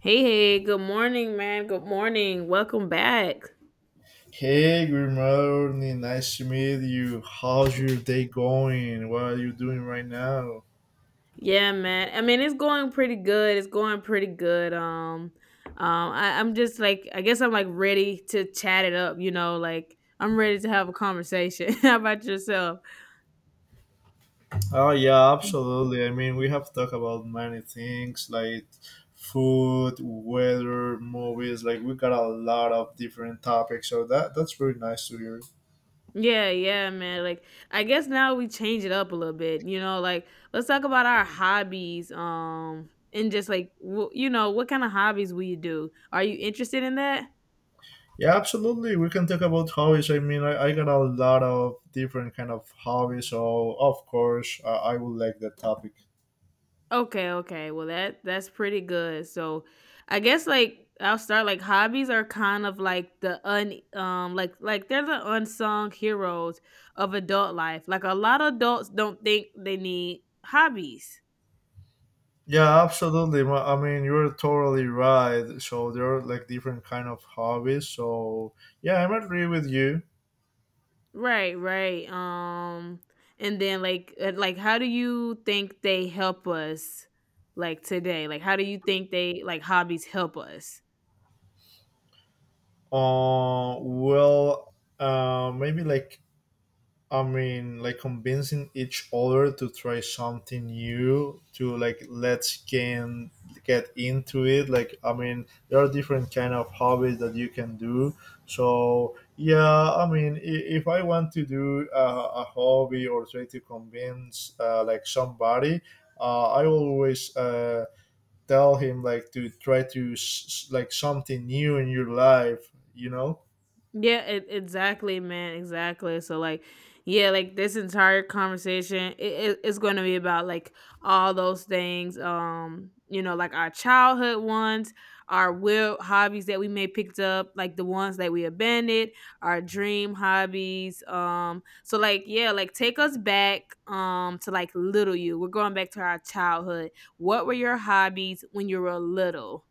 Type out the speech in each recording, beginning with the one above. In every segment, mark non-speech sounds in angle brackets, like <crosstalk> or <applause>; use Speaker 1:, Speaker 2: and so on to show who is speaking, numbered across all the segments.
Speaker 1: Hey, hey, good morning, man. Good morning. Welcome back.
Speaker 2: Hey, good morning. Nice to meet you. How's your day going? What are you doing right now?
Speaker 1: Yeah, man. It's going pretty good. It's going pretty good. I, I'm just like, I guess I'm like ready to chat it up. Like I'm ready to have a conversation. <laughs> How about yourself?
Speaker 2: Oh, yeah, absolutely. I mean, we have talked about many things like food, weather, movies. Like, we got a lot of different topics. So, that's very nice to hear.
Speaker 1: Yeah, yeah, man. Like, I guess now we change it up a little bit. Like let's talk about our hobbies. And just like, what kind of hobbies we do? Are you interested in that?
Speaker 2: Yeah, absolutely. We can talk about hobbies. I mean, I got a lot of different kind of hobbies. So, of course, I would like that topic.
Speaker 1: Okay, okay. Well, that's pretty good. So, I guess like I'll start like hobbies are kind of like the un like they're the unsung heroes of adult life. Like a lot of adults don't think they need hobbies.
Speaker 2: Yeah, absolutely. I mean, you're totally right. So there are like different kind of hobbies. So yeah, I'm agree with you.
Speaker 1: Right, right. And then like how do you think they help us like today? Like how do you think they like hobbies help us?
Speaker 2: Maybe like I mean, like convincing each other to try something new, to like let's can get into it. Like, I mean, there are different kind of hobbies that you can do. So yeah, I mean, if I want to do a hobby or try to convince like somebody, I always tell him like to try to like something new in your life. You know.
Speaker 1: Exactly, man, exactly. So like, yeah, like this entire conversation, it's going to be about like all those things. Like our childhood ones, our will hobbies that we may picked up, like the ones that we abandoned, our dream hobbies. So like, yeah, like take us back, to like little you. We're going back to our childhood. What were your hobbies when you were little?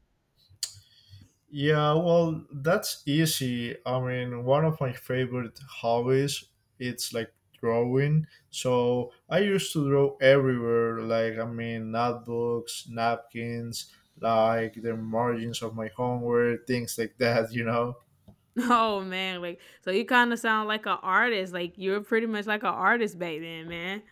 Speaker 2: Yeah, well, that's easy. I mean, one of my favorite hobbies it's like drawing. So I used to draw everywhere, like I mean, notebooks, napkins, like the margins of my homework, things like <laughs> that. You know?
Speaker 1: <laughs> Oh man, like so you kind of sound like an artist. Like you're pretty much like an artist back then, man.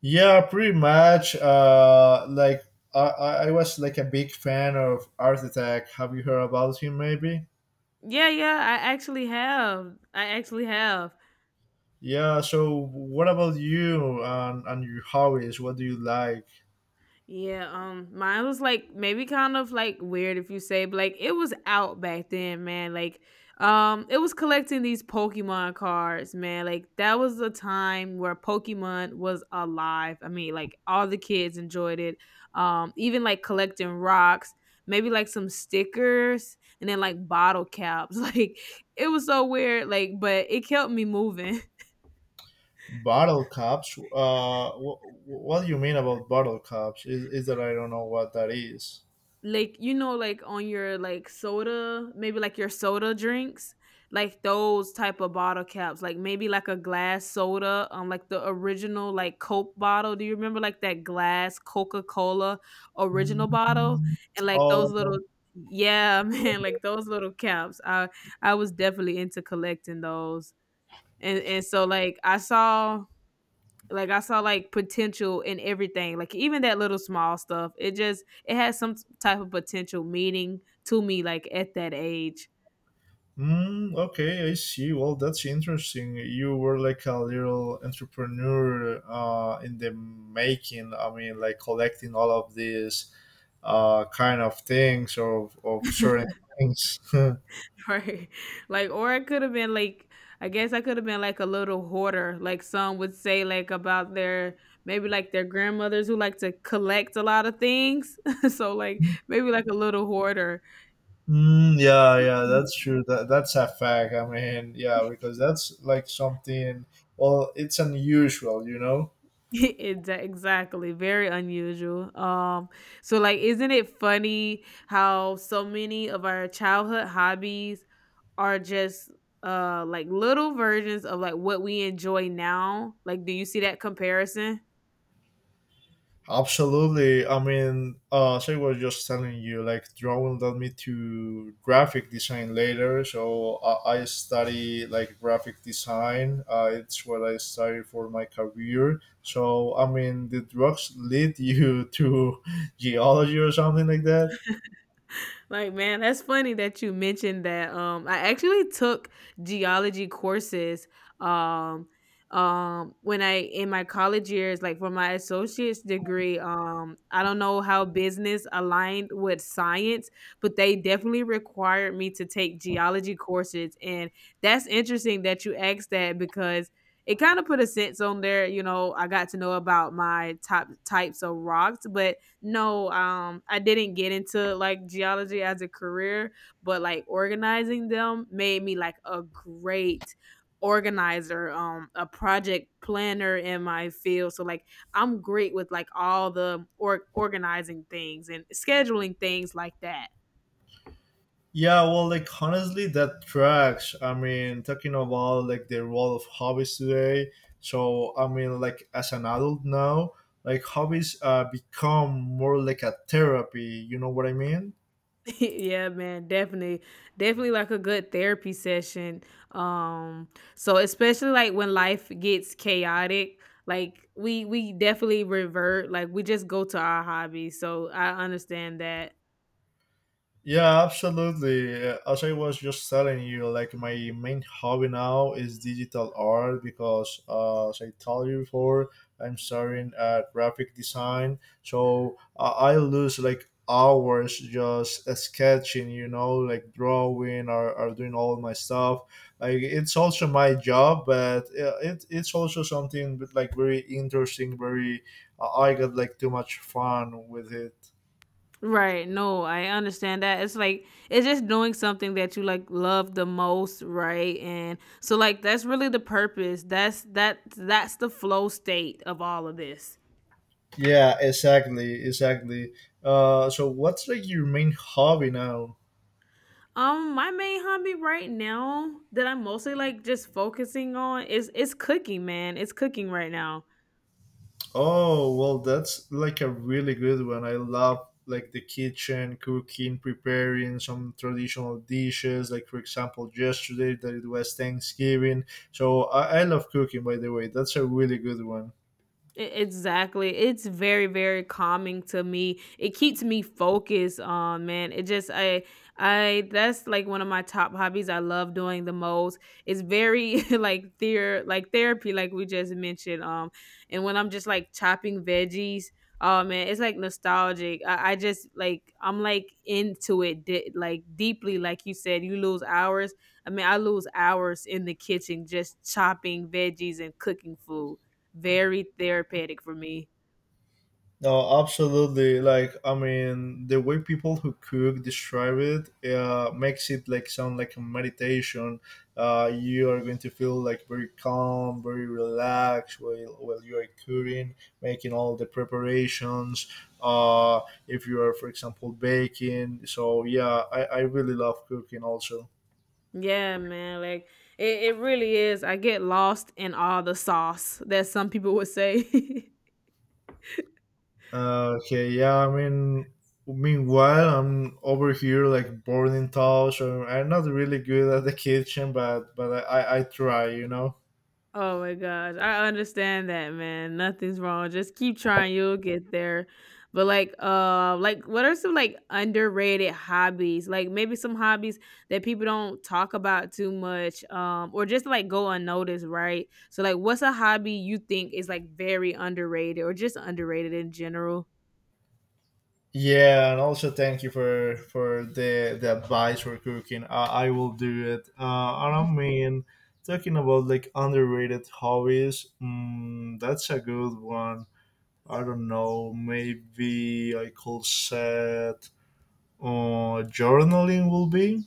Speaker 2: Yeah, pretty much. Like, I was like a big fan of Art Attack. Have you heard about him? Maybe.
Speaker 1: Yeah, yeah, I actually have. I actually have.
Speaker 2: Yeah. So, what about you and your hobbies? What do you like?
Speaker 1: Yeah, mine was like maybe kind of like weird if you say, but like it was out back then, man. Like, it was collecting these Pokemon cards, man. Like that was a time where Pokemon was alive. Like all the kids enjoyed it. Even like collecting rocks, maybe like some stickers, and then like bottle caps. <laughs> Like it was so weird, like, but it kept me moving.
Speaker 2: Bottle caps. What do you mean about bottle caps? Is that I don't know what that is?
Speaker 1: Like on your like soda, maybe like your soda drinks, like those type of bottle caps, like maybe like a glass soda, like the original like Coke bottle. Do you remember like that glass Coca-Cola original bottle?
Speaker 2: Mm.
Speaker 1: And like
Speaker 2: Oh,
Speaker 1: those little, yeah, <laughs> man, like those little caps. I was definitely into collecting those. And so like I saw like potential in everything. Like even that little small stuff. It has some type of potential meaning to me like at that age.
Speaker 2: mm, okay, I see. Well, that's interesting. You were like a little entrepreneur in the making. I mean, like collecting all of these kind of things of
Speaker 1: <laughs>
Speaker 2: certain things. <laughs>
Speaker 1: Right. <laughs> Like, or it could have been like, I guess I could have been like a little hoarder. Like some would say, like about their maybe like their grandmothers who like to collect a lot of things. <laughs> So like maybe like a little hoarder.
Speaker 2: Mm, yeah, yeah, that's
Speaker 1: <laughs>
Speaker 2: true. That's a fact. I mean, yeah, because that's like something. Well, it's unusual, you know.
Speaker 1: Exactly. Very unusual. So like, isn't it funny how so many of our childhood hobbies are just like little versions of like what we enjoy now? Like, do you see that comparison?
Speaker 2: Absolutely. I mean, as I was just telling you, like drawing led me to graphic design later. So I study like graphic design. It's what I study for my career. So I mean, did drugs lead you to <laughs> geology or something like that?
Speaker 1: Like man, that's funny that you mentioned that. I actually took geology courses, um when I in my college years like for my associate's degree. I don't know how business aligned with science, but they definitely required me to take geology courses, and that's interesting that you asked that because it kind of put a sense on there. You know, I got to know about my top types of rocks. But no, I didn't get into like geology as a career, but like organizing them made me like a great organizer, a project planner in my field. So like I'm great with like all the organizing things and scheduling things like that.
Speaker 2: Yeah, well, like honestly, that tracks. I mean, talking about like the role of hobbies today. So, I mean, like as an adult now, like hobbies become more like a therapy. You know what I mean?
Speaker 1: <laughs> Yeah, man, definitely. Definitely like a good therapy session. Um so especially like when life gets chaotic, like we definitely revert, like we just go to our hobbies. So I understand that.
Speaker 2: Yeah, absolutely. As I was just telling you, like my main hobby now is digital art because, as I told you before, I'm starting at graphic design. So I lose like hours just sketching, you know, like drawing or doing all my stuff. Like it's also my job, but it's also something like very interesting. Very, I got like too much fun with it.
Speaker 1: Right. No, I understand that. It's like it's just doing something that you like love the most, right? And so like that's really the purpose. That's the flow state of all of this.
Speaker 2: Yeah, exactly, exactly. So what's like your main hobby now?
Speaker 1: My main hobby right now that I'm mostly like just focusing on is it's cooking, man. It's cooking right now.
Speaker 2: Oh, well, that's like a really good one. I love like the kitchen, cooking, preparing some traditional dishes. Like for example, yesterday that it was Thanksgiving, so I love cooking. By the way, that's a really good one.
Speaker 1: Exactly. It's very, very calming to me. It keeps me focused. Man, it just I that's like one of my top hobbies. I love doing the most. It's very <laughs> like theor like therapy, like we just mentioned. And when I'm just like chopping veggies, oh man, it's like nostalgic. I just like I'm like into it deeply. Like you said, you lose hours. I mean, I lose hours in the kitchen just chopping veggies and cooking food, very therapeutic for me.
Speaker 2: No, absolutely. Like, I mean, the way people who cook describe it makes it like sound like a meditation. You are going to feel like very calm, very relaxed while you are cooking, making all the preparations. Uh, if you are, for example, baking. So, yeah, I really love cooking also.
Speaker 1: Yeah, man. Like it really is. I get lost in all the sauce that some people would say. <laughs>
Speaker 2: Okay, yeah, I mean, meanwhile, I'm over here like boarding toss. Or I'm not really good at the kitchen, but but I try, you know.
Speaker 1: Oh my gosh. I understand that, man. Nothing's wrong. Just keep trying, you'll get <laughs> there. But like what are some like underrated hobbies? Like maybe some hobbies that people don't talk about too much or just like go unnoticed, right? So like what's a hobby you think is like very underrated or just underrated in general?
Speaker 2: Yeah, and also thank you for the advice for cooking. I will do it. And I don't mean, talking about like underrated hobbies, mm, that's a good one. I don't know, maybe I could set journaling will be.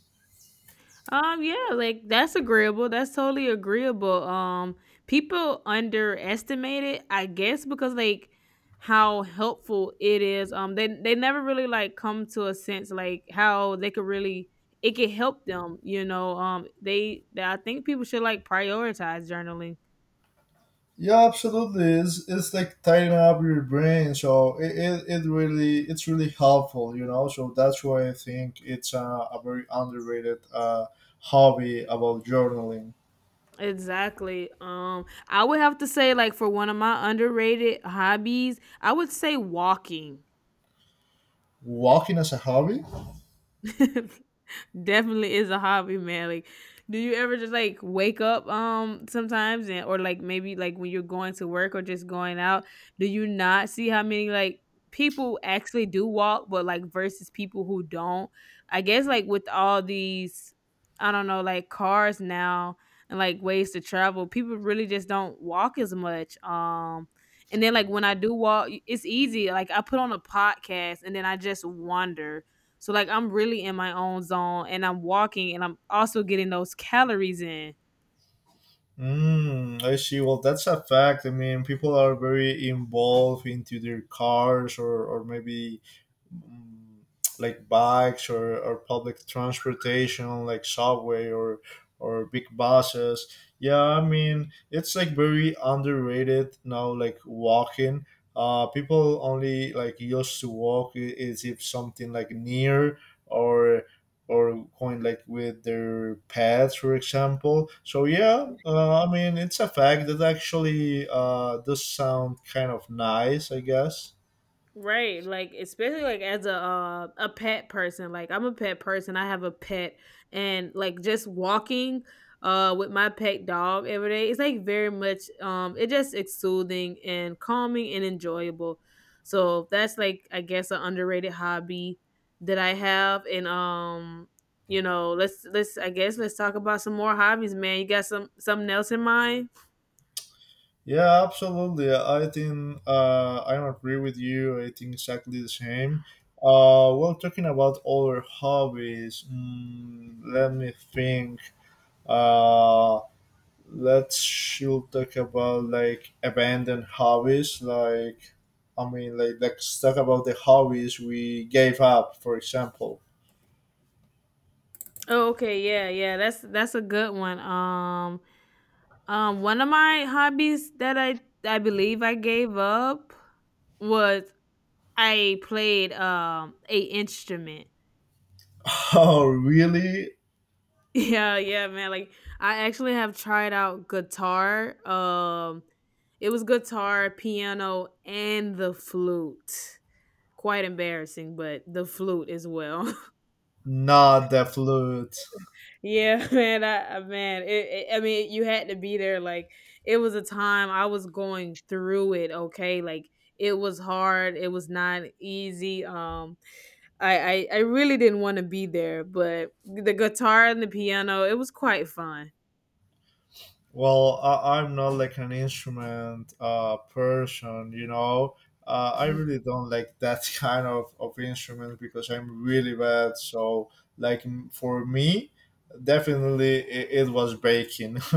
Speaker 1: Yeah, like that's agreeable. That's totally agreeable. People underestimate it, I guess, because like how helpful it is. They never really like come to a sense like how they could really it could help them. You know, they I think people should like prioritize journaling.
Speaker 2: Yeah, absolutely. It's like tighten up your brain. So it really it's really helpful, you know. So that's why I think it's a very underrated hobby about journaling.
Speaker 1: Exactly. I would have to say like for one of my underrated hobbies, I would say walking.
Speaker 2: Walking as a hobby?
Speaker 1: <laughs> Definitely is a hobby, man. Like, do you ever just like wake up sometimes and or like maybe like when you're going to work or just going out, do you not see how many like people actually do walk but like versus people who don't? I guess like with all these, I don't know, like cars now and like ways to travel, people really just don't walk as much. And then like when I do walk, it's easy. Like I put on a podcast and then I just wander, so like I'm really in my own zone and I'm walking and I'm also getting those calories in.
Speaker 2: Mm, I see. Well, that's a fact. I mean, people are very involved into their cars or maybe mm, like bikes or public transportation like subway or big buses. Yeah, I mean, it's like very underrated now, like walking. People only like used to walk is if something like near or or going like with their pets, for example. So yeah, I mean it's a fact that actually does sound kind of nice, I guess.
Speaker 1: Right, like especially like as a pet person, like I'm a pet person. I have a pet, and like just walking with my pet dog every day, it's like very much it just it's soothing and calming and enjoyable. So that's like I guess an underrated hobby that I have, and you know let's I guess let's talk about some more hobbies, man. You got some something else in mind?
Speaker 2: Yeah, absolutely. I think I agree with you. I think exactly the same. Well, talking about other hobbies, mm, let me think. Uh, let's should talk about like abandoned hobbies like I mean like let's talk about the hobbies we gave up for example.
Speaker 1: Oh, okay, yeah, yeah, that's a good one. One of my hobbies that I believe I gave up was I played a instrument. <laughs>
Speaker 2: <laughs> Oh really.
Speaker 1: Yeah, yeah, man. Like I actually have tried out guitar. It was guitar, piano, and the flute. Quite embarrassing, but the flute as well. <laughs>
Speaker 2: Not the flute.
Speaker 1: Yeah, <laughs> man, I mean, you had to be there. Like, it was a time I was going through it. Okay, like it was hard. It was not easy. I really didn't want to be there, but the guitar and the piano, it was quite fun.
Speaker 2: Well, I, I'm not like an instrument person, you know. I really don't like that <laughs> kind of instrument because I'm really bad. So like for me definitely it was baking. <laughs>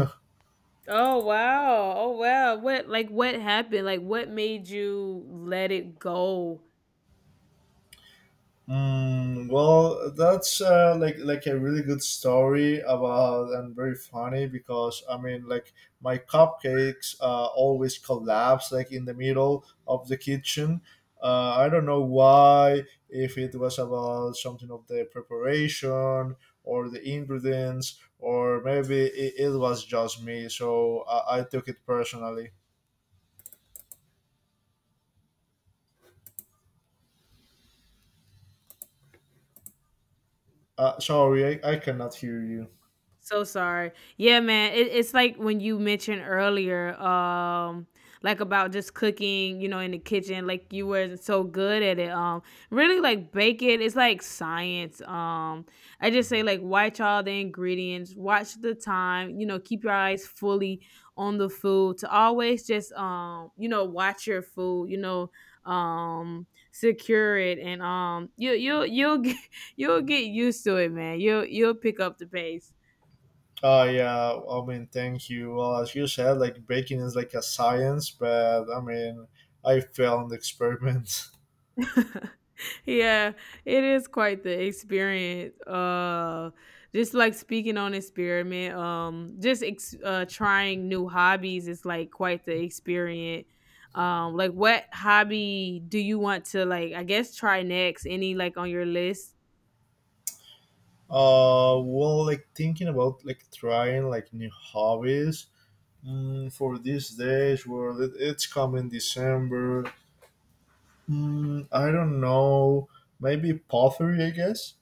Speaker 1: Oh wow! Oh wow! What like what happened? Like what made you let it go?
Speaker 2: Mm, well, that's like a really good story about and very funny because I mean like my cupcakes always collapse like in the middle of the kitchen. I don't know why if it was about something of the preparation or the ingredients or maybe it was just me. So I took it personally. Sorry, I cannot hear you.
Speaker 1: So sorry. Yeah, man. It's like when you mentioned earlier, like about just cooking, you know, in the kitchen, like you were so good at it. Really like baking, it's like science. I just say like watch all the ingredients, watch the time, you know, keep your eyes fully on the food to always just you know, watch your food, you know, um secure it and you you will you'll get <laughs> you'll get used to it, man, you'll pick up the pace.
Speaker 2: Yeah, I mean, thank you. Well, as you said, like baking is like a science, but I mean, I failed in the experiment. <laughs>
Speaker 1: <laughs> Yeah, it is quite the experience. Just like speaking on experiment, trying new hobbies is like quite the experience. Like what hobby do you want to like? I guess try next. Any like on your list?
Speaker 2: Well, like thinking about like trying like new hobbies mm, for these days. Well, it's coming December. Mm, I don't know. Maybe pottery, I guess.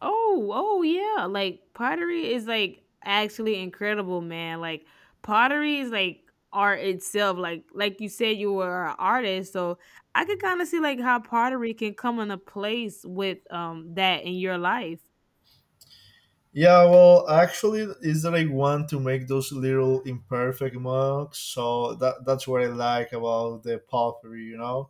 Speaker 1: Oh, oh yeah. Like pottery is like actually incredible, man. Like pottery is like art itself. Like you said, you were an artist, so I could kind of see like how pottery can come in a place with that in your life.
Speaker 2: Yeah, well, actually, is that I want to make those little imperfect mugs, so that's what I like about the pottery, you know.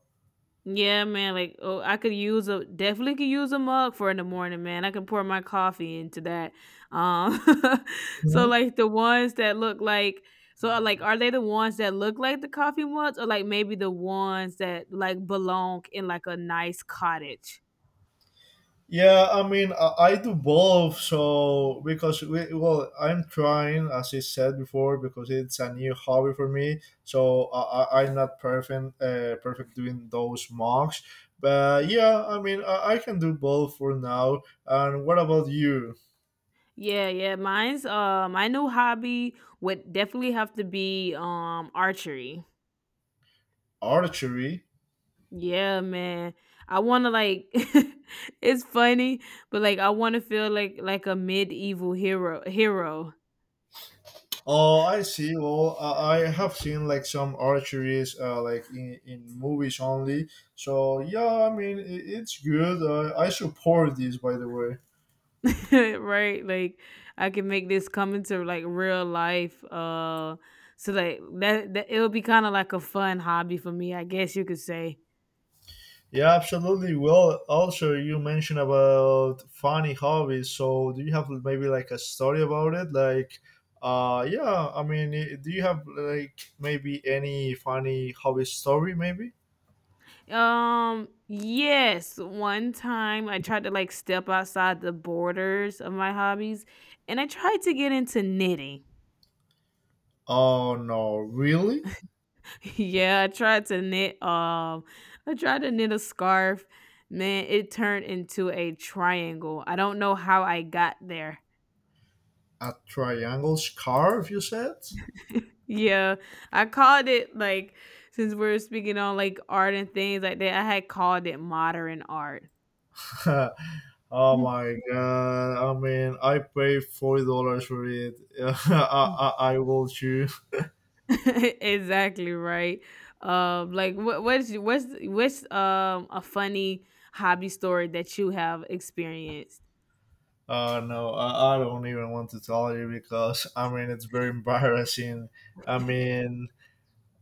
Speaker 1: Yeah, man. Like, oh, I could use a definitely could use a mug for in the morning, man. I can pour my coffee into that. Um, <laughs> so like the ones that look like so like are they the ones that look like the coffee mugs or like maybe the ones that like belong in like a nice cottage?
Speaker 2: Yeah, I mean, I do both. So because we, well, I'm trying, as I said before, because it's a new hobby for me. So I'm not perfect, perfect doing those mocks. But yeah, I mean, I can do both for now. And what about you?
Speaker 1: Yeah, yeah. Mine's my new hobby would definitely have to be archery.
Speaker 2: Archery?
Speaker 1: Yeah, man. I want to like <laughs> it's funny, but like I want to feel like a medieval hero.
Speaker 2: Oh, I see. Well, I have seen like some archeries, like in movies only. So yeah, I mean, it's good. I support this, by the way.
Speaker 1: <laughs> Right? Like I can make this come into like real life so like that it'll be kind of like a fun hobby for me, I guess you could say.
Speaker 2: Yeah, absolutely. Well, also you mentioned about funny hobbies. So, do you have maybe like a story about it? Like, yeah. I mean, do you have like maybe any funny hobby story? Maybe.
Speaker 1: Yes, one time I tried to like step outside the borders of my hobbies and I tried to get into knitting.
Speaker 2: Oh no, really?
Speaker 1: <laughs> Yeah, I tried to knit a scarf. Man, it turned into a triangle. I don't know how I got there.
Speaker 2: A triangle scarf? You said?
Speaker 1: Yeah, I called it like, since we're speaking on like art and things like that, I had called it modern art.
Speaker 2: <laughs> Oh
Speaker 1: Mm.
Speaker 2: my god! I mean, I paid $40 for it. <laughs> I, I I will choose.
Speaker 1: <laughs> Exactly, right. Like what's a funny hobby story that you have experienced?
Speaker 2: No, I don't even want to tell you because I mean it's very embarrassing. I mean,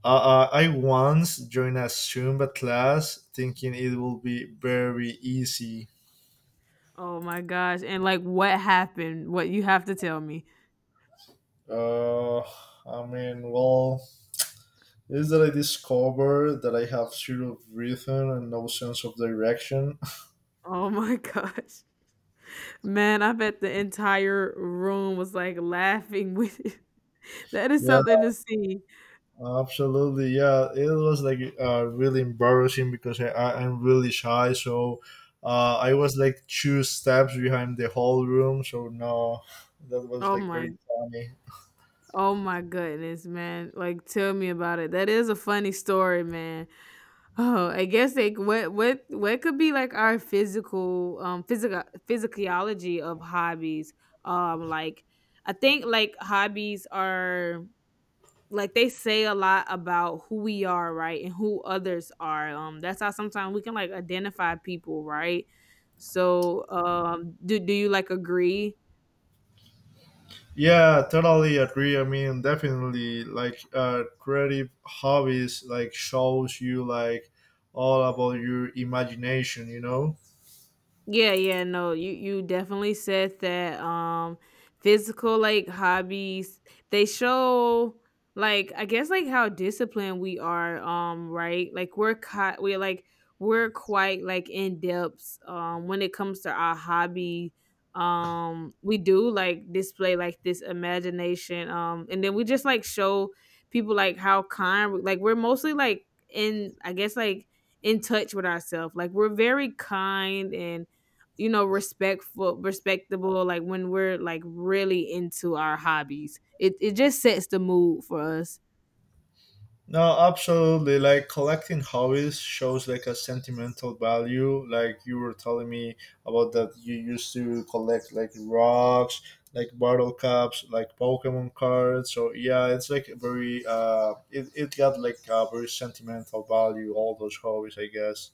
Speaker 2: I once joined a Zumba class thinking it will be very easy.
Speaker 1: Oh my gosh. And like what happened? What you have to tell me.
Speaker 2: I mean, well, is that I discovered that I have zero rhythm and no sense of direction. <laughs>
Speaker 1: Oh my <laughs> gosh. Man, I bet the entire room was like laughing with you. <laughs> That is
Speaker 2: Yeah,
Speaker 1: something to see.
Speaker 2: absolutely, yeah. It was like really embarrassing because I'm really shy, so I was like two steps behind the whole room. So no, that was
Speaker 1: Oh
Speaker 2: like very
Speaker 1: my
Speaker 2: funny.
Speaker 1: oh my goodness, man. Like, tell me about it. That is a funny story, man. Oh, I guess, like, what could be like our physical, physicalology of hobbies? Like, I think like hobbies are like they say a lot about who we are, right, and who others are. That's how sometimes we can like identify people, right? So, um, do you like agree?
Speaker 2: Yeah, totally agree. I mean, definitely, like creative hobbies like shows you like all about your imagination. You know.
Speaker 1: Yeah, yeah, no, you definitely said that physical like hobbies, they show like I guess like how disciplined we are, right? Like we're quite like in depth when it comes to our hobby. We do like display like this imagination, and then we just like show people like how like we're mostly like in I guess like in touch with ourselves. Like we're very kind and, you know, respectful respectable. Like when we're like really into our hobbies, it just sets the mood for us.
Speaker 2: No, absolutely. Like collecting hobbies shows like a sentimental value. Like you were telling me about that you used to collect like rocks, like bottle caps, like Pokemon cards. So yeah, it's like very it got like a very sentimental value. All those hobbies, I guess.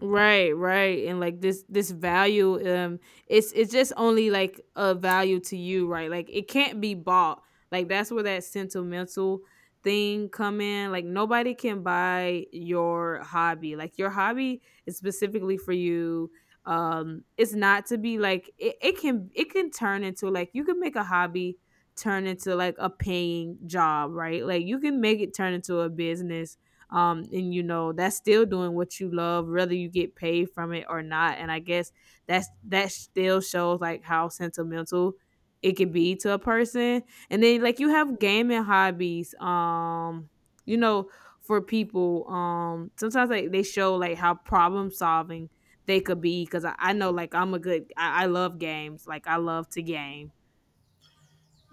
Speaker 1: Right, right. And like this value, it's just only like a value to you, right? Like it can't be bought. Like that's where that sentimental thing come in. Like nobody can buy your hobby. Like your hobby is specifically for you. It's not to be like it can turn into like you can make a hobby turn into like a paying job, right? Like you can make it turn into a business, and you know that's still doing what you love whether you get paid from it or not. And I guess that's that still shows like how sentimental it could be to a person. And then like you have gaming hobbies, you know, for people sometimes like they show like how problem solving they could be, because I know like I love games. Like I love to game.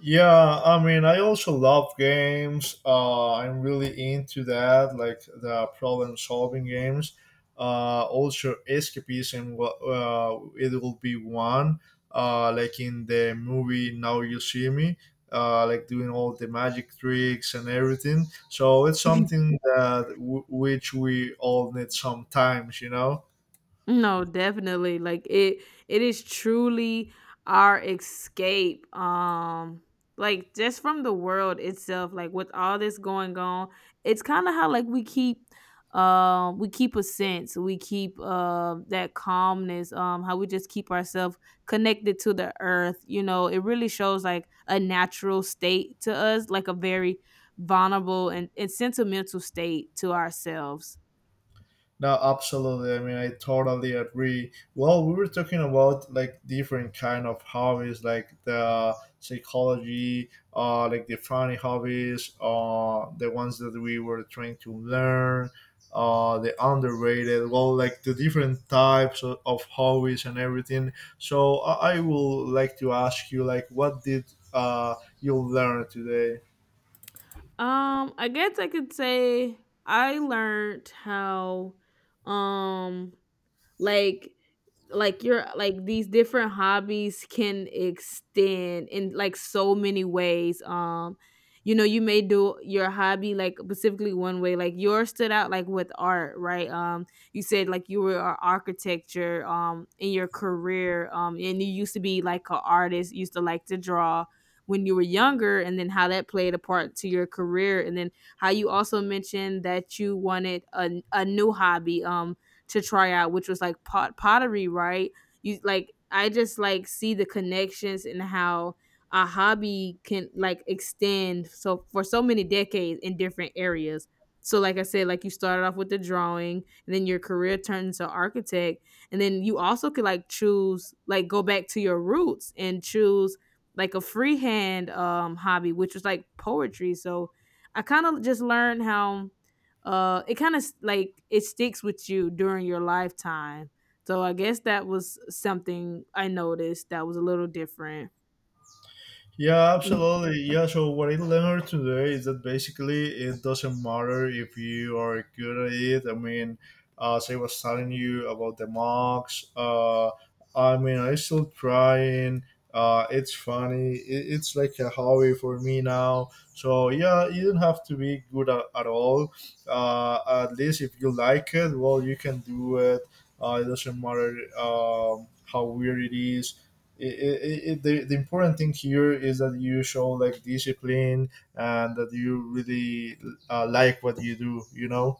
Speaker 2: Yeah, I mean, I also love games. I'm really into that, like the problem solving games. Also, escapism, it will be one, like in the movie Now You See Me, like doing all the magic tricks and everything. So it's
Speaker 1: <laughs>
Speaker 2: something that which we all need sometimes, you know?
Speaker 1: No, definitely like it is truly our escape, like just from the world itself like with all this going on. It's kind of how like we keep a sense. We keep that calmness, how we just keep ourselves connected to the earth. You know, it really shows like a natural state to us, like a very vulnerable and sentimental state to ourselves.
Speaker 2: No, absolutely. I mean, I totally agree. Well, we were talking about like different kind of hobbies, like the psychology, like the funny hobbies, the ones that we were trying to learn, the underrated. Well, like the different types of hobbies and everything. So I will like to ask you, like, what did uh you learn today?
Speaker 1: I guess I could say I learned how um like like your like these different hobbies can extend in like so many ways. You know, you may do your hobby like specifically one way. Like yours stood out like with art, right? You said like you were a architecture in your career, and you used to be like an artist, used to like to draw when you were younger, and then how that played a part to your career. And then how you also mentioned that you wanted a new hobby to try out, which was like pottery, right? You like I just like see the connections and how a hobby can like extend so for so many decades in different areas. So like I said, like you started off with the drawing, and then your career turned into architect, and then you also could like choose like go back to your roots and choose like a freehand hobby, which was like poetry. So I kind of just learned how it kind of like it sticks with you during your lifetime. So I guess that was something I noticed that was a little different.
Speaker 2: Yeah, absolutely. Yeah, so what I learned today is that basically it doesn't matter if you are good at it. I mean, as I was telling you about the mocks, I mean, I still trying. It's funny. It's like a hobby for me now. So, yeah, you don't have to be good at all. At least if you like it, well, you can do it. It doesn't matter how weird it is. The important thing here is that you show like discipline, and that you really like what you do.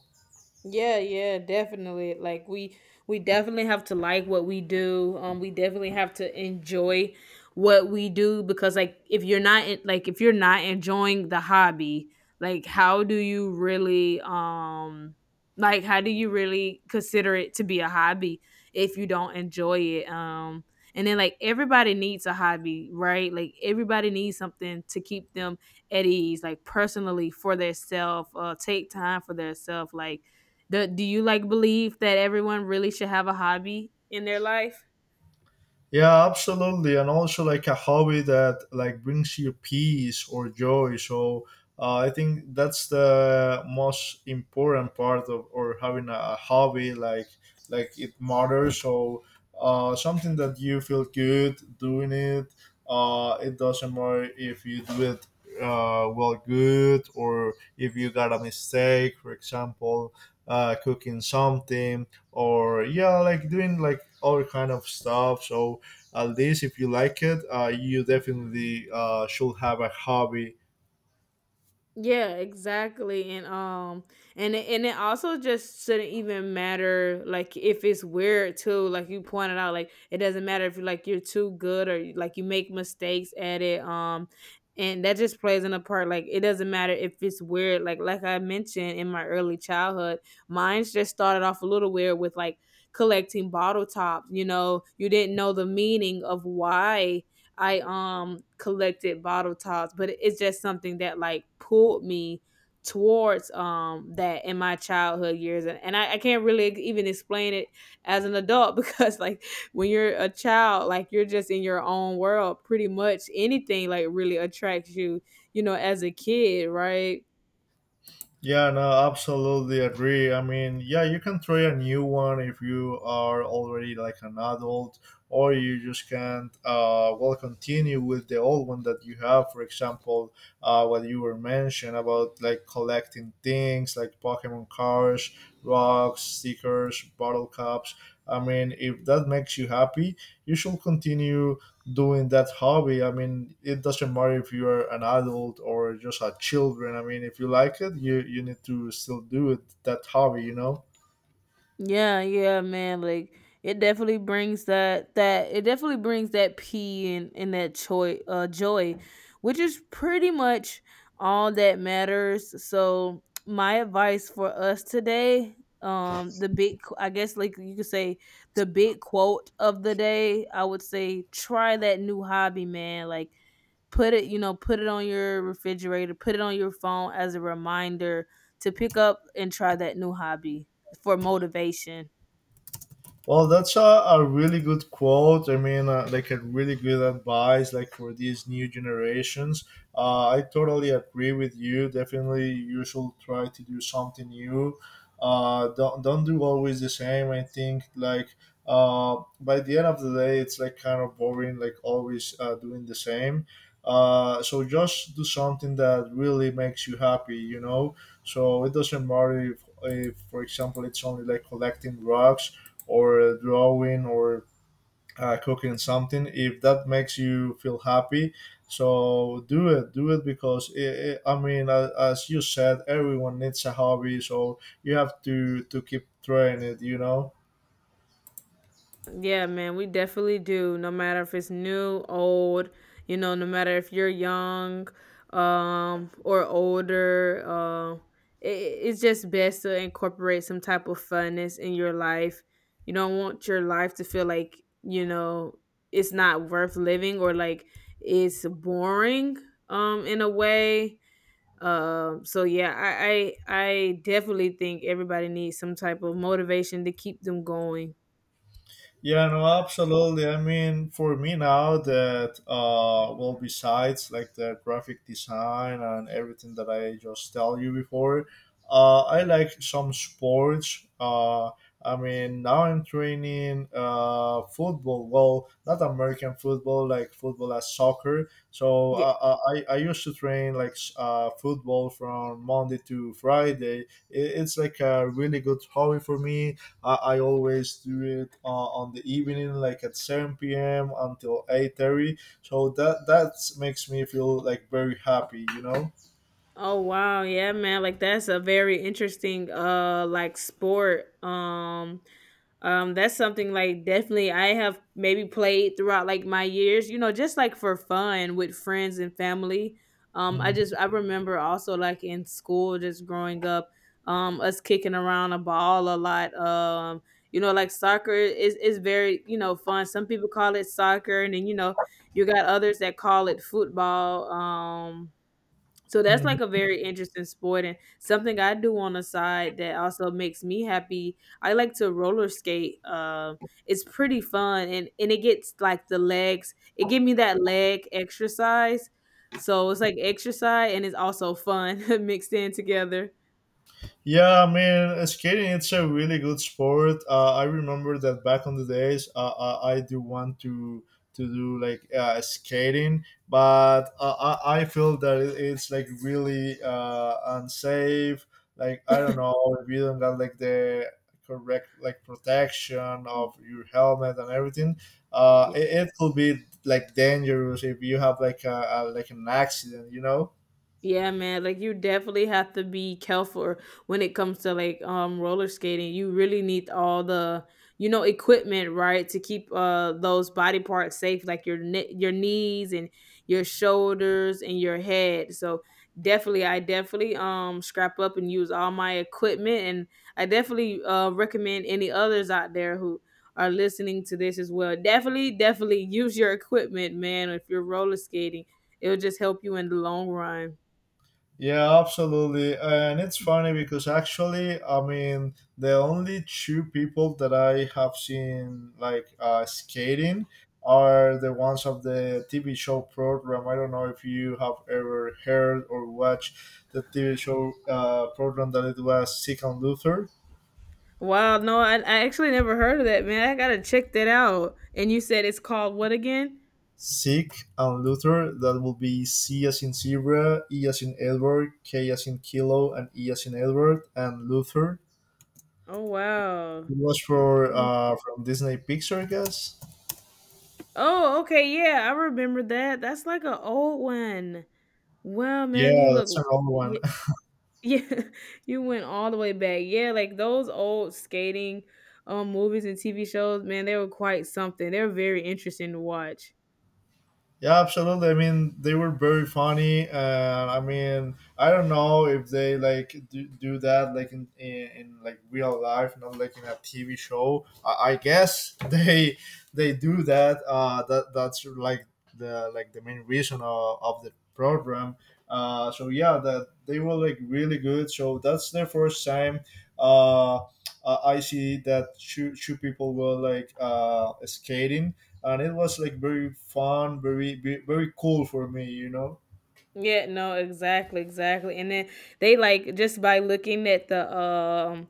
Speaker 1: Yeah, yeah, definitely. Like we definitely have to like what we do. We definitely have to enjoy what we do, because like if you're not en- like if you're not enjoying the hobby, like how do you really like how do you really consider it to be a hobby if you don't enjoy it? And then like everybody needs a hobby, right? Like everybody needs something to keep them at ease, like personally for their self, take time for their self. Like, do you like believe that everyone really should have a hobby in their life?
Speaker 2: Yeah, absolutely, and also like a hobby that like brings you peace or joy. So I think that's the most important part of or having a hobby. Like it matters. So something that you feel good doing it. It doesn't matter if you do it well good, or if you got a mistake. For example, cooking something, or yeah, like doing like all kind of stuff. So at least if you like it, you definitely should have a hobby.
Speaker 1: Yeah, exactly. And it also just shouldn't even matter like if it's weird too. Like you pointed out like it doesn't matter if you like you're too good like you make mistakes at it, and that just plays in a part. Like it doesn't matter if it's weird. Like I mentioned in my early childhood, mine's just started off a little weird with like collecting bottle tops. You know, you didn't know the meaning of why I collected bottle tops, but it's just something that like pulled me towards that in my childhood years. And I can't really even explain it as an adult <laughs> because like when you're a child, like you're just in your own world. Pretty much anything like really attracts you, you know, as a kid, right?
Speaker 2: Yeah, no, absolutely agree. I mean, yeah, you can try a new one if you are already like an adult, or you just can't, well, continue with the old one that you have. For example, what you were mentioned about like collecting things like Pokemon cards, rocks, stickers, bottle caps. I mean, if that makes you happy, you should continue doing that hobby. I mean, it doesn't matter if you're an adult or just a children. I mean, if you like it, you need to still do it that hobby. You know.
Speaker 1: Yeah, yeah, man. Like it definitely brings that it definitely brings that pee and that joy joy, which is pretty much all that matters. So my advice for us today, I guess like you could say the big quote of the day, I would say try that new hobby, man. Like put it, you know, put it on your refrigerator, put it on your phone as a reminder to pick up and try that new hobby for motivation.
Speaker 2: Well, that's a really good quote. I mean, like a really good advice, like for these new generations. I totally agree with you. Definitely, you should try to do something new. Uh, Don't do always the same. I think like by the end of the day, it's like kind of boring, like always doing the same. So just do something that really makes you happy. You know, so it doesn't matter if for example, it's only like collecting rocks, or drawing, or cooking something, if that makes you feel happy, so do it, do it, because I mean as you said, everyone needs a hobby, so you have to keep trying it.
Speaker 1: Yeah, man, we definitely do. No matter if it's new, old, you know, no matter if you're young, or older, it, it's just best to incorporate some type of funness in your life. You don't want your life to feel like, you know, it's not worth living or like it's boring, in a way. So yeah, I definitely think everybody needs some type of motivation to keep them going.
Speaker 2: Yeah, no, absolutely. I mean, for me now that well, besides like the graphic design and everything that I just tell you before, I like some sports. I mean, now I'm training football. Well, not American football, like football as soccer. So
Speaker 1: Yeah.
Speaker 2: I used to train like football from Monday to Friday. It's like a really good hobby for me. I always do it on the evening, like at 7 p.m. until 8:30. So that makes me feel like very happy, you know.
Speaker 1: Oh wow, yeah, man. Like that's a very interesting like sport. That's something like definitely I have maybe played throughout like my years, you know, just like for fun with friends and family.
Speaker 2: Mm-hmm.
Speaker 1: I remember also like in school just growing up, us kicking around a ball a lot. You know, like soccer is very, you know, fun. Some people call it soccer, and then you know, you got others that call it football. So that's like a very interesting sport and something I do on the side that also makes me happy. I like to roller skate. It's pretty fun, and it gets like the legs. It give me that leg exercise. So it's like exercise and it's also fun <laughs> mixed in together.
Speaker 2: Yeah, I mean, skating it's a really good sport. I remember that back on the days, I do want to do like skating, but I feel that it's like really unsafe. Like I don't know if you don't got like the correct like protection
Speaker 1: Mm.
Speaker 2: of your helmet and everything. Uh,
Speaker 1: Yeah.
Speaker 2: it, it could be like dangerous if you have like a like an accident, you know.
Speaker 1: Yeah, man. Like you definitely have to be careful when it comes to like roller skating. You really need all the, you know, equipment, right, to keep those body parts safe, like your your knees and your shoulders and your head. So definitely, I definitely scrap up and use all my equipment, and I definitely recommend any others out there who are listening to this as well. Definitely, definitely use your equipment, man. If you're roller skating, it'll just help you in the long run.
Speaker 2: Yeah, absolutely. And it's funny because actually, I mean, the only two people that I have seen like skating are the ones of the TV show program. I don't know if you have ever heard or watched the TV show program that it was Sick and Luther.
Speaker 1: Wow, no, I actually never heard of that, man. I gotta check that out. And you said it's called what again?
Speaker 2: Sick and Luther, that will be C as in zebra, E as in Edward, K as in kilo, and E as in Edward, and Luther.
Speaker 1: Oh wow.
Speaker 2: It was for
Speaker 1: Let me-
Speaker 2: from Disney Pixar, I guess.
Speaker 1: Oh, okay, yeah, I remember that. That's like an old one. Wow,
Speaker 2: Yeah,
Speaker 1: man, you look,
Speaker 2: that's an old one.
Speaker 1: yeah, <laughs> yeah, you went all the way back. Yeah, like those old skating, movies and TV shows, man, they were quite something. They were very interesting to watch.
Speaker 2: Yeah, absolutely. I mean, they were very funny. I mean, I don't know if they like do that like in like real life, not like in a TV show. I guess <laughs> they do that. That's like the main reason of the program. So yeah, that they were like really good. So that's the first time. Uh, I see that two people were like skating, and it was like very fun, very cool for me, you know.
Speaker 1: Yeah, no, exactly, exactly. And then they like just by looking at the um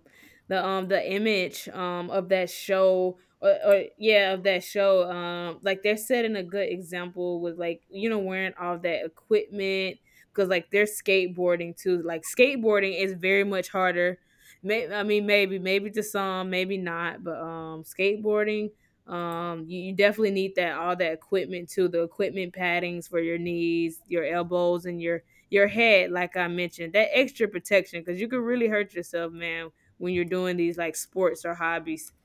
Speaker 1: the um the image of that show or yeah, of that show, like they're setting a good example with like wearing all that equipment cuz like they're skateboarding too. Like skateboarding is very much harder. I mean maybe to some, maybe not, but skateboarding you definitely need that all that equipment too, the equipment paddings for your knees, your elbows, and your head, like I mentioned. That extra protection, because you could really hurt yourself, man, when you're doing these like sports or hobbies. <laughs>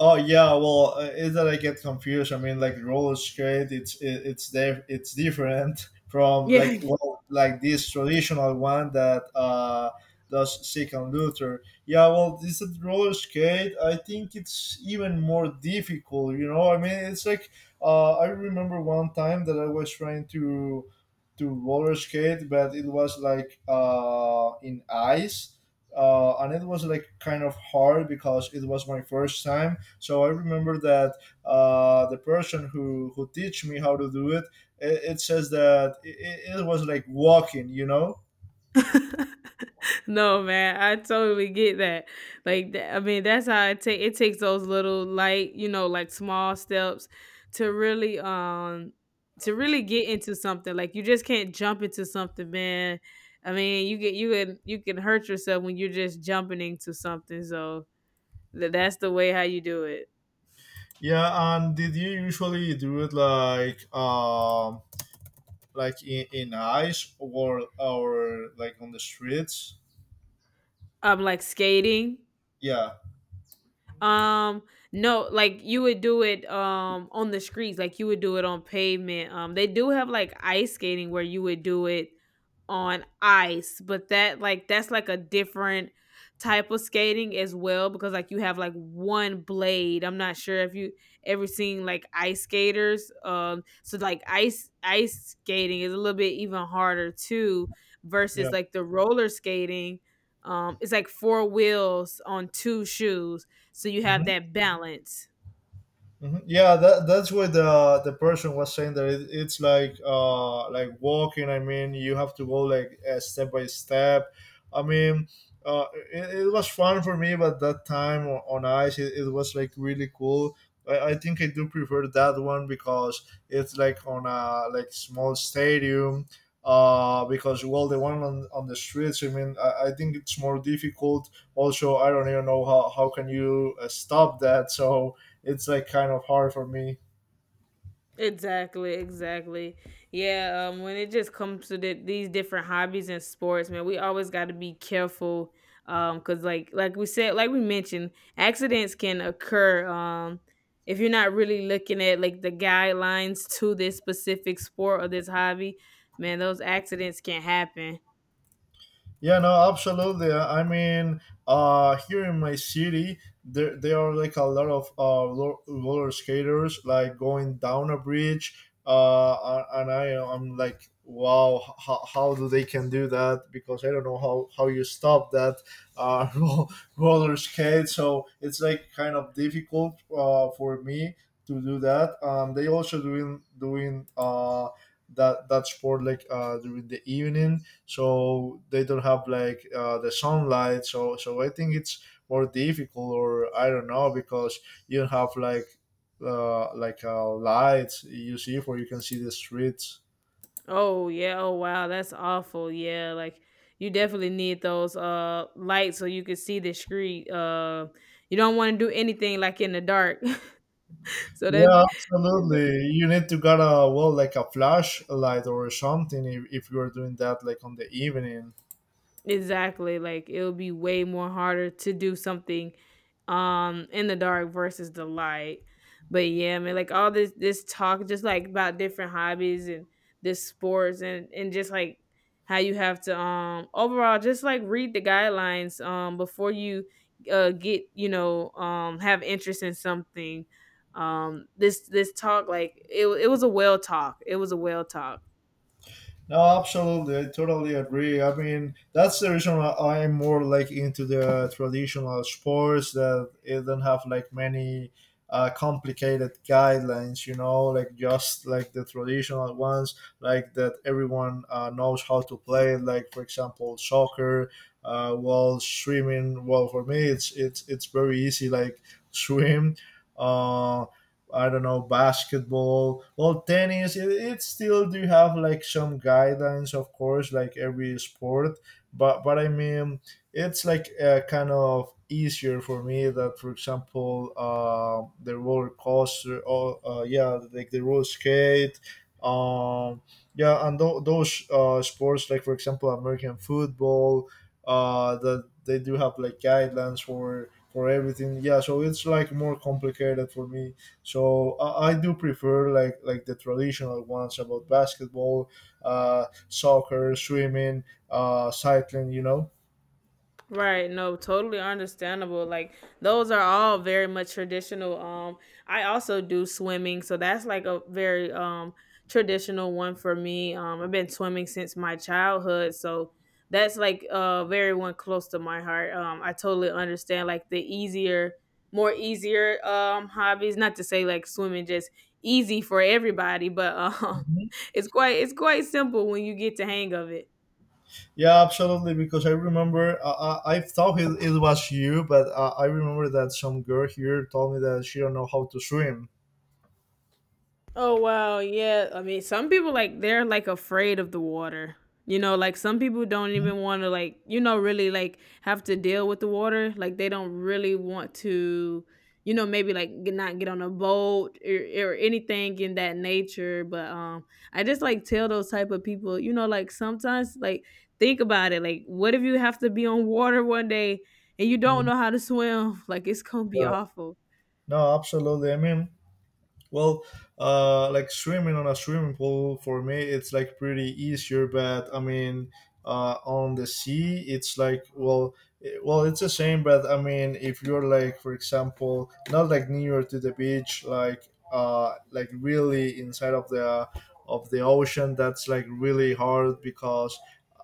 Speaker 2: Oh yeah, well, is that I get confused? I mean, like roller skate, it's there, it's different <laughs> from
Speaker 1: Yeah.
Speaker 2: like well, like this traditional one that does seek and Luther. Yeah, well, this is roller skate. I think it's even more difficult. You know, I mean, it's like I remember one time that I was trying to roller skate, but it was like in ice. And it was like kind of hard because it was my first time. So I remember that the person who teach me how to do it, it says that it was like walking, you know.
Speaker 1: <laughs> No, man, I totally get that. Like, tha I mean, that's how it takes those little light, like small steps to really, to really get into something. Like, you just can't jump into something, man. I mean, you can hurt yourself when you're just jumping into something. So that's the way how you do it.
Speaker 2: Yeah, and did you usually do it like in ice, or like on the streets?
Speaker 1: Like skating.
Speaker 2: Yeah,
Speaker 1: Um, no, like you would do it on the streets, like you would do it on pavement. They do have like ice skating where you would do it on ice, but that like that's like a different type of skating as well because like you have like one blade. I'm not sure if you ever seen like ice skaters. So like ice skating is a little bit even harder too versus
Speaker 2: yeah.
Speaker 1: like the roller skating. It's like four wheels on two shoes. So you have that balance.
Speaker 2: Mhm. Yeah, that's what the person was saying that it's like walking. I mean, you have to go like step by step. I mean, uh, it was fun for me, but that time on ice, it was like really cool. I think I do prefer that one because it's like on a like small stadium. Because well, the one on the streets. I mean, I think it's more difficult. Also, I don't even know how can you stop that. So it's like kind of hard for me.
Speaker 1: Exactly, exactly. Yeah, when it just comes to the, these different hobbies and sports, man, we always got to be careful, cause like we said, like we mentioned, accidents can occur, if you're not really looking at like the guidelines to this specific sport or this hobby, man, those accidents can happen.
Speaker 2: Yeah, no, absolutely. I mean, here in my city, there are like a lot of roller skaters like going down a bridge, and I'm like, wow, how do they can do that? Because I don't know how you stop that uh, <laughs> ro- roller skate. So it's like kind of difficult for me to do that. They also doing that sport like during the evening, so they don't have like the sunlight, so so I think it's more difficult, or I don't know, because you don't have like lights you see for you can see the streets.
Speaker 1: Oh yeah, oh wow, that's awful. Yeah, like you definitely need those lights so you can see the street. You don't want to do anything like in the dark. <laughs> So that
Speaker 2: Yeah,
Speaker 1: th-
Speaker 2: absolutely, you need to got a well like a flash light or something, if you're doing that like on the evening.
Speaker 1: exactly like it'll be way more harder to do something in the dark versus the light. But yeah, man, like all this talk just like about different hobbies and this sports and just like how you have to overall just like read the guidelines before you get have interest in something this talk like it was a well talk it was a well talk
Speaker 2: No, absolutely. I totally agree. I mean, that's the reason why I'm more like into the traditional sports that it don't have like many complicated guidelines, you know, like just like the traditional ones, like that everyone knows how to play. Like for example, soccer, while swimming. Well, for me, it's very easy. Like swim. Um, I don't know, basketball or tennis, it still do have like some guidelines, of course, like every sport. But I mean, it's like kind of easier for me that, for example, the roller coaster, or yeah, like the roller skate, um, yeah, and those sports, like for example, American football, that they do have like guidelines for everything. Yeah, so it's like more complicated for me. So I do prefer like the traditional ones about basketball, soccer, swimming, cycling. You know.
Speaker 1: Right, no, totally understandable. Like those are all very much traditional. I also do swimming, so that's like a very traditional one for me. I've been swimming since my childhood, so that's like a very one close to my heart. I totally understand like the easier more easier hobbies, not to say like swimming just easy for everybody, but
Speaker 2: Mhm.
Speaker 1: <laughs> it's quite simple when you get the hang of it.
Speaker 2: Yeah, absolutely. Because I remember I thought it was you, but I remember that some girl here told me that she don't know how to swim.
Speaker 1: Oh wow, yeah. I mean, some people like they're like afraid of the water. You know, like some people don't
Speaker 2: Mhm.
Speaker 1: even want to like, really like have to deal with the water. Like they don't really want to, maybe like get, not get on a boat or anything in that nature. But I just like tell those type of people, like sometimes like think about it. Like what if you have to be on water one day and you don't
Speaker 2: Mm,
Speaker 1: know how to swim? <laughs> Like it's going to be
Speaker 2: yeah.
Speaker 1: awful.
Speaker 2: No, absolutely. I mean, well, like swimming on a swimming pool for me, it's like pretty easier. But I mean, on the sea, it's like well, well, it's the same. But I mean, if you're like, for example, not like near to the beach, like really inside of the ocean, that's like really hard because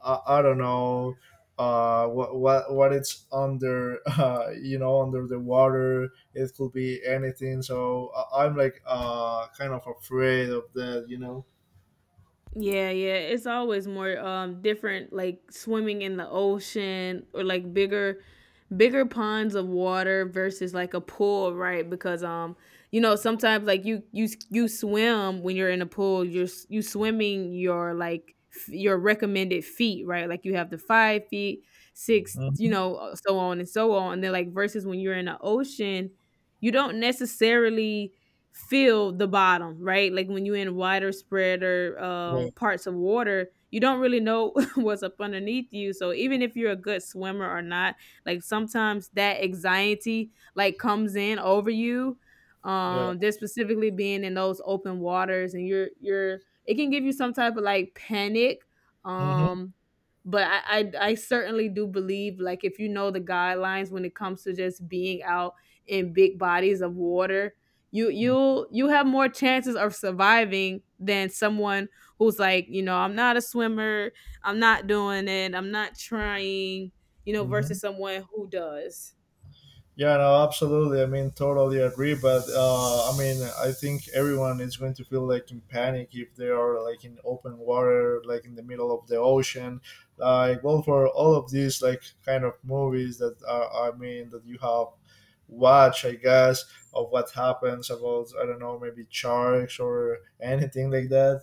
Speaker 2: I don't know what it's under <laughs> you know under the water, it could be anything. So I'm like kind of afraid of that, you know.
Speaker 1: Yeah, yeah. It's always more different like swimming in the ocean or like bigger ponds of water versus like a pool, right? Because sometimes like you swim when you're in a pool, you're you swimming your like your recommended feet, right? Like you have the 5 feet, six,
Speaker 2: Mhm.
Speaker 1: so on. And then like versus when you're in the ocean, you don't necessarily feel the bottom, right? Like when you're in wider spreader
Speaker 2: Yeah,
Speaker 1: parts of water, you don't really know <laughs> what's up underneath you. So even if you're a good swimmer or not, like sometimes that anxiety like comes in over you.
Speaker 2: yeah.
Speaker 1: Just specifically being in those open waters and you're it can give you some type of like panic.
Speaker 2: Hmm.
Speaker 1: Um, but I certainly do believe like if you know the guidelines when it comes to just being out in big bodies of water, you'll you have more chances of surviving than someone who's like, you know, I'm not a swimmer, I'm not doing it, I'm not trying, you know, versus
Speaker 2: Hmm.
Speaker 1: someone who does.
Speaker 2: Yeah, no, absolutely. I mean, totally agree. But I mean, I think everyone is going to feel like in panic if they are like in open water, like in the middle of the ocean. Like, well, for all of these like kind of movies that are, I mean, that you have watch, I guess, of what happens about I don't know, maybe sharks or anything like that.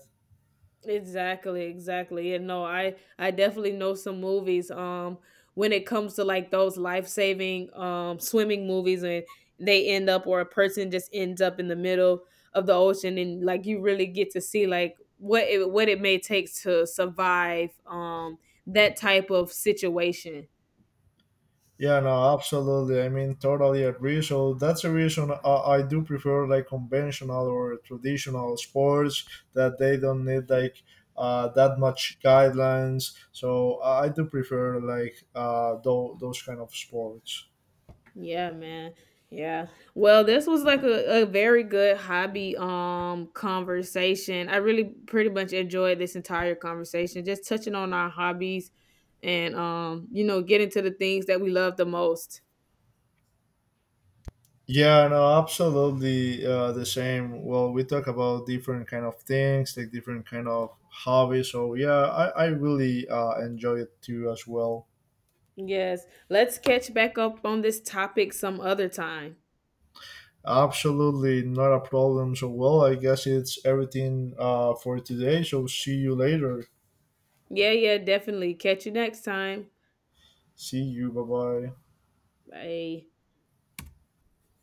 Speaker 1: Exactly, exactly. And no, I definitely know some movies when it comes to like those life-saving swimming movies and they end up or a person just ends up in the middle of the ocean and like you really get to see like what it may take to survive that type of situation.
Speaker 2: Yeah, no, absolutely. I mean, totally agree. So that's the reason I do prefer like conventional or traditional sports that they don't need like that much guidelines. So I do prefer like those kind of sports.
Speaker 1: Yeah, man. Yeah. Well, this was like a very good hobby conversation. I really pretty much enjoyed this entire conversation, just touching on our hobbies and getting to the things that we love the most.
Speaker 2: Yeah, no, absolutely the same. Well, we talk about different kind of things, like different kind of hobbies. So yeah, I really enjoy it too as well.
Speaker 1: Yes. Let's catch back up on this topic some other time.
Speaker 2: Absolutely, not a problem. So, well, I guess it's everything for today. So, see you later.
Speaker 1: Yeah, yeah, definitely. Catch you next time.
Speaker 2: See you. Bye bye.
Speaker 1: Bye.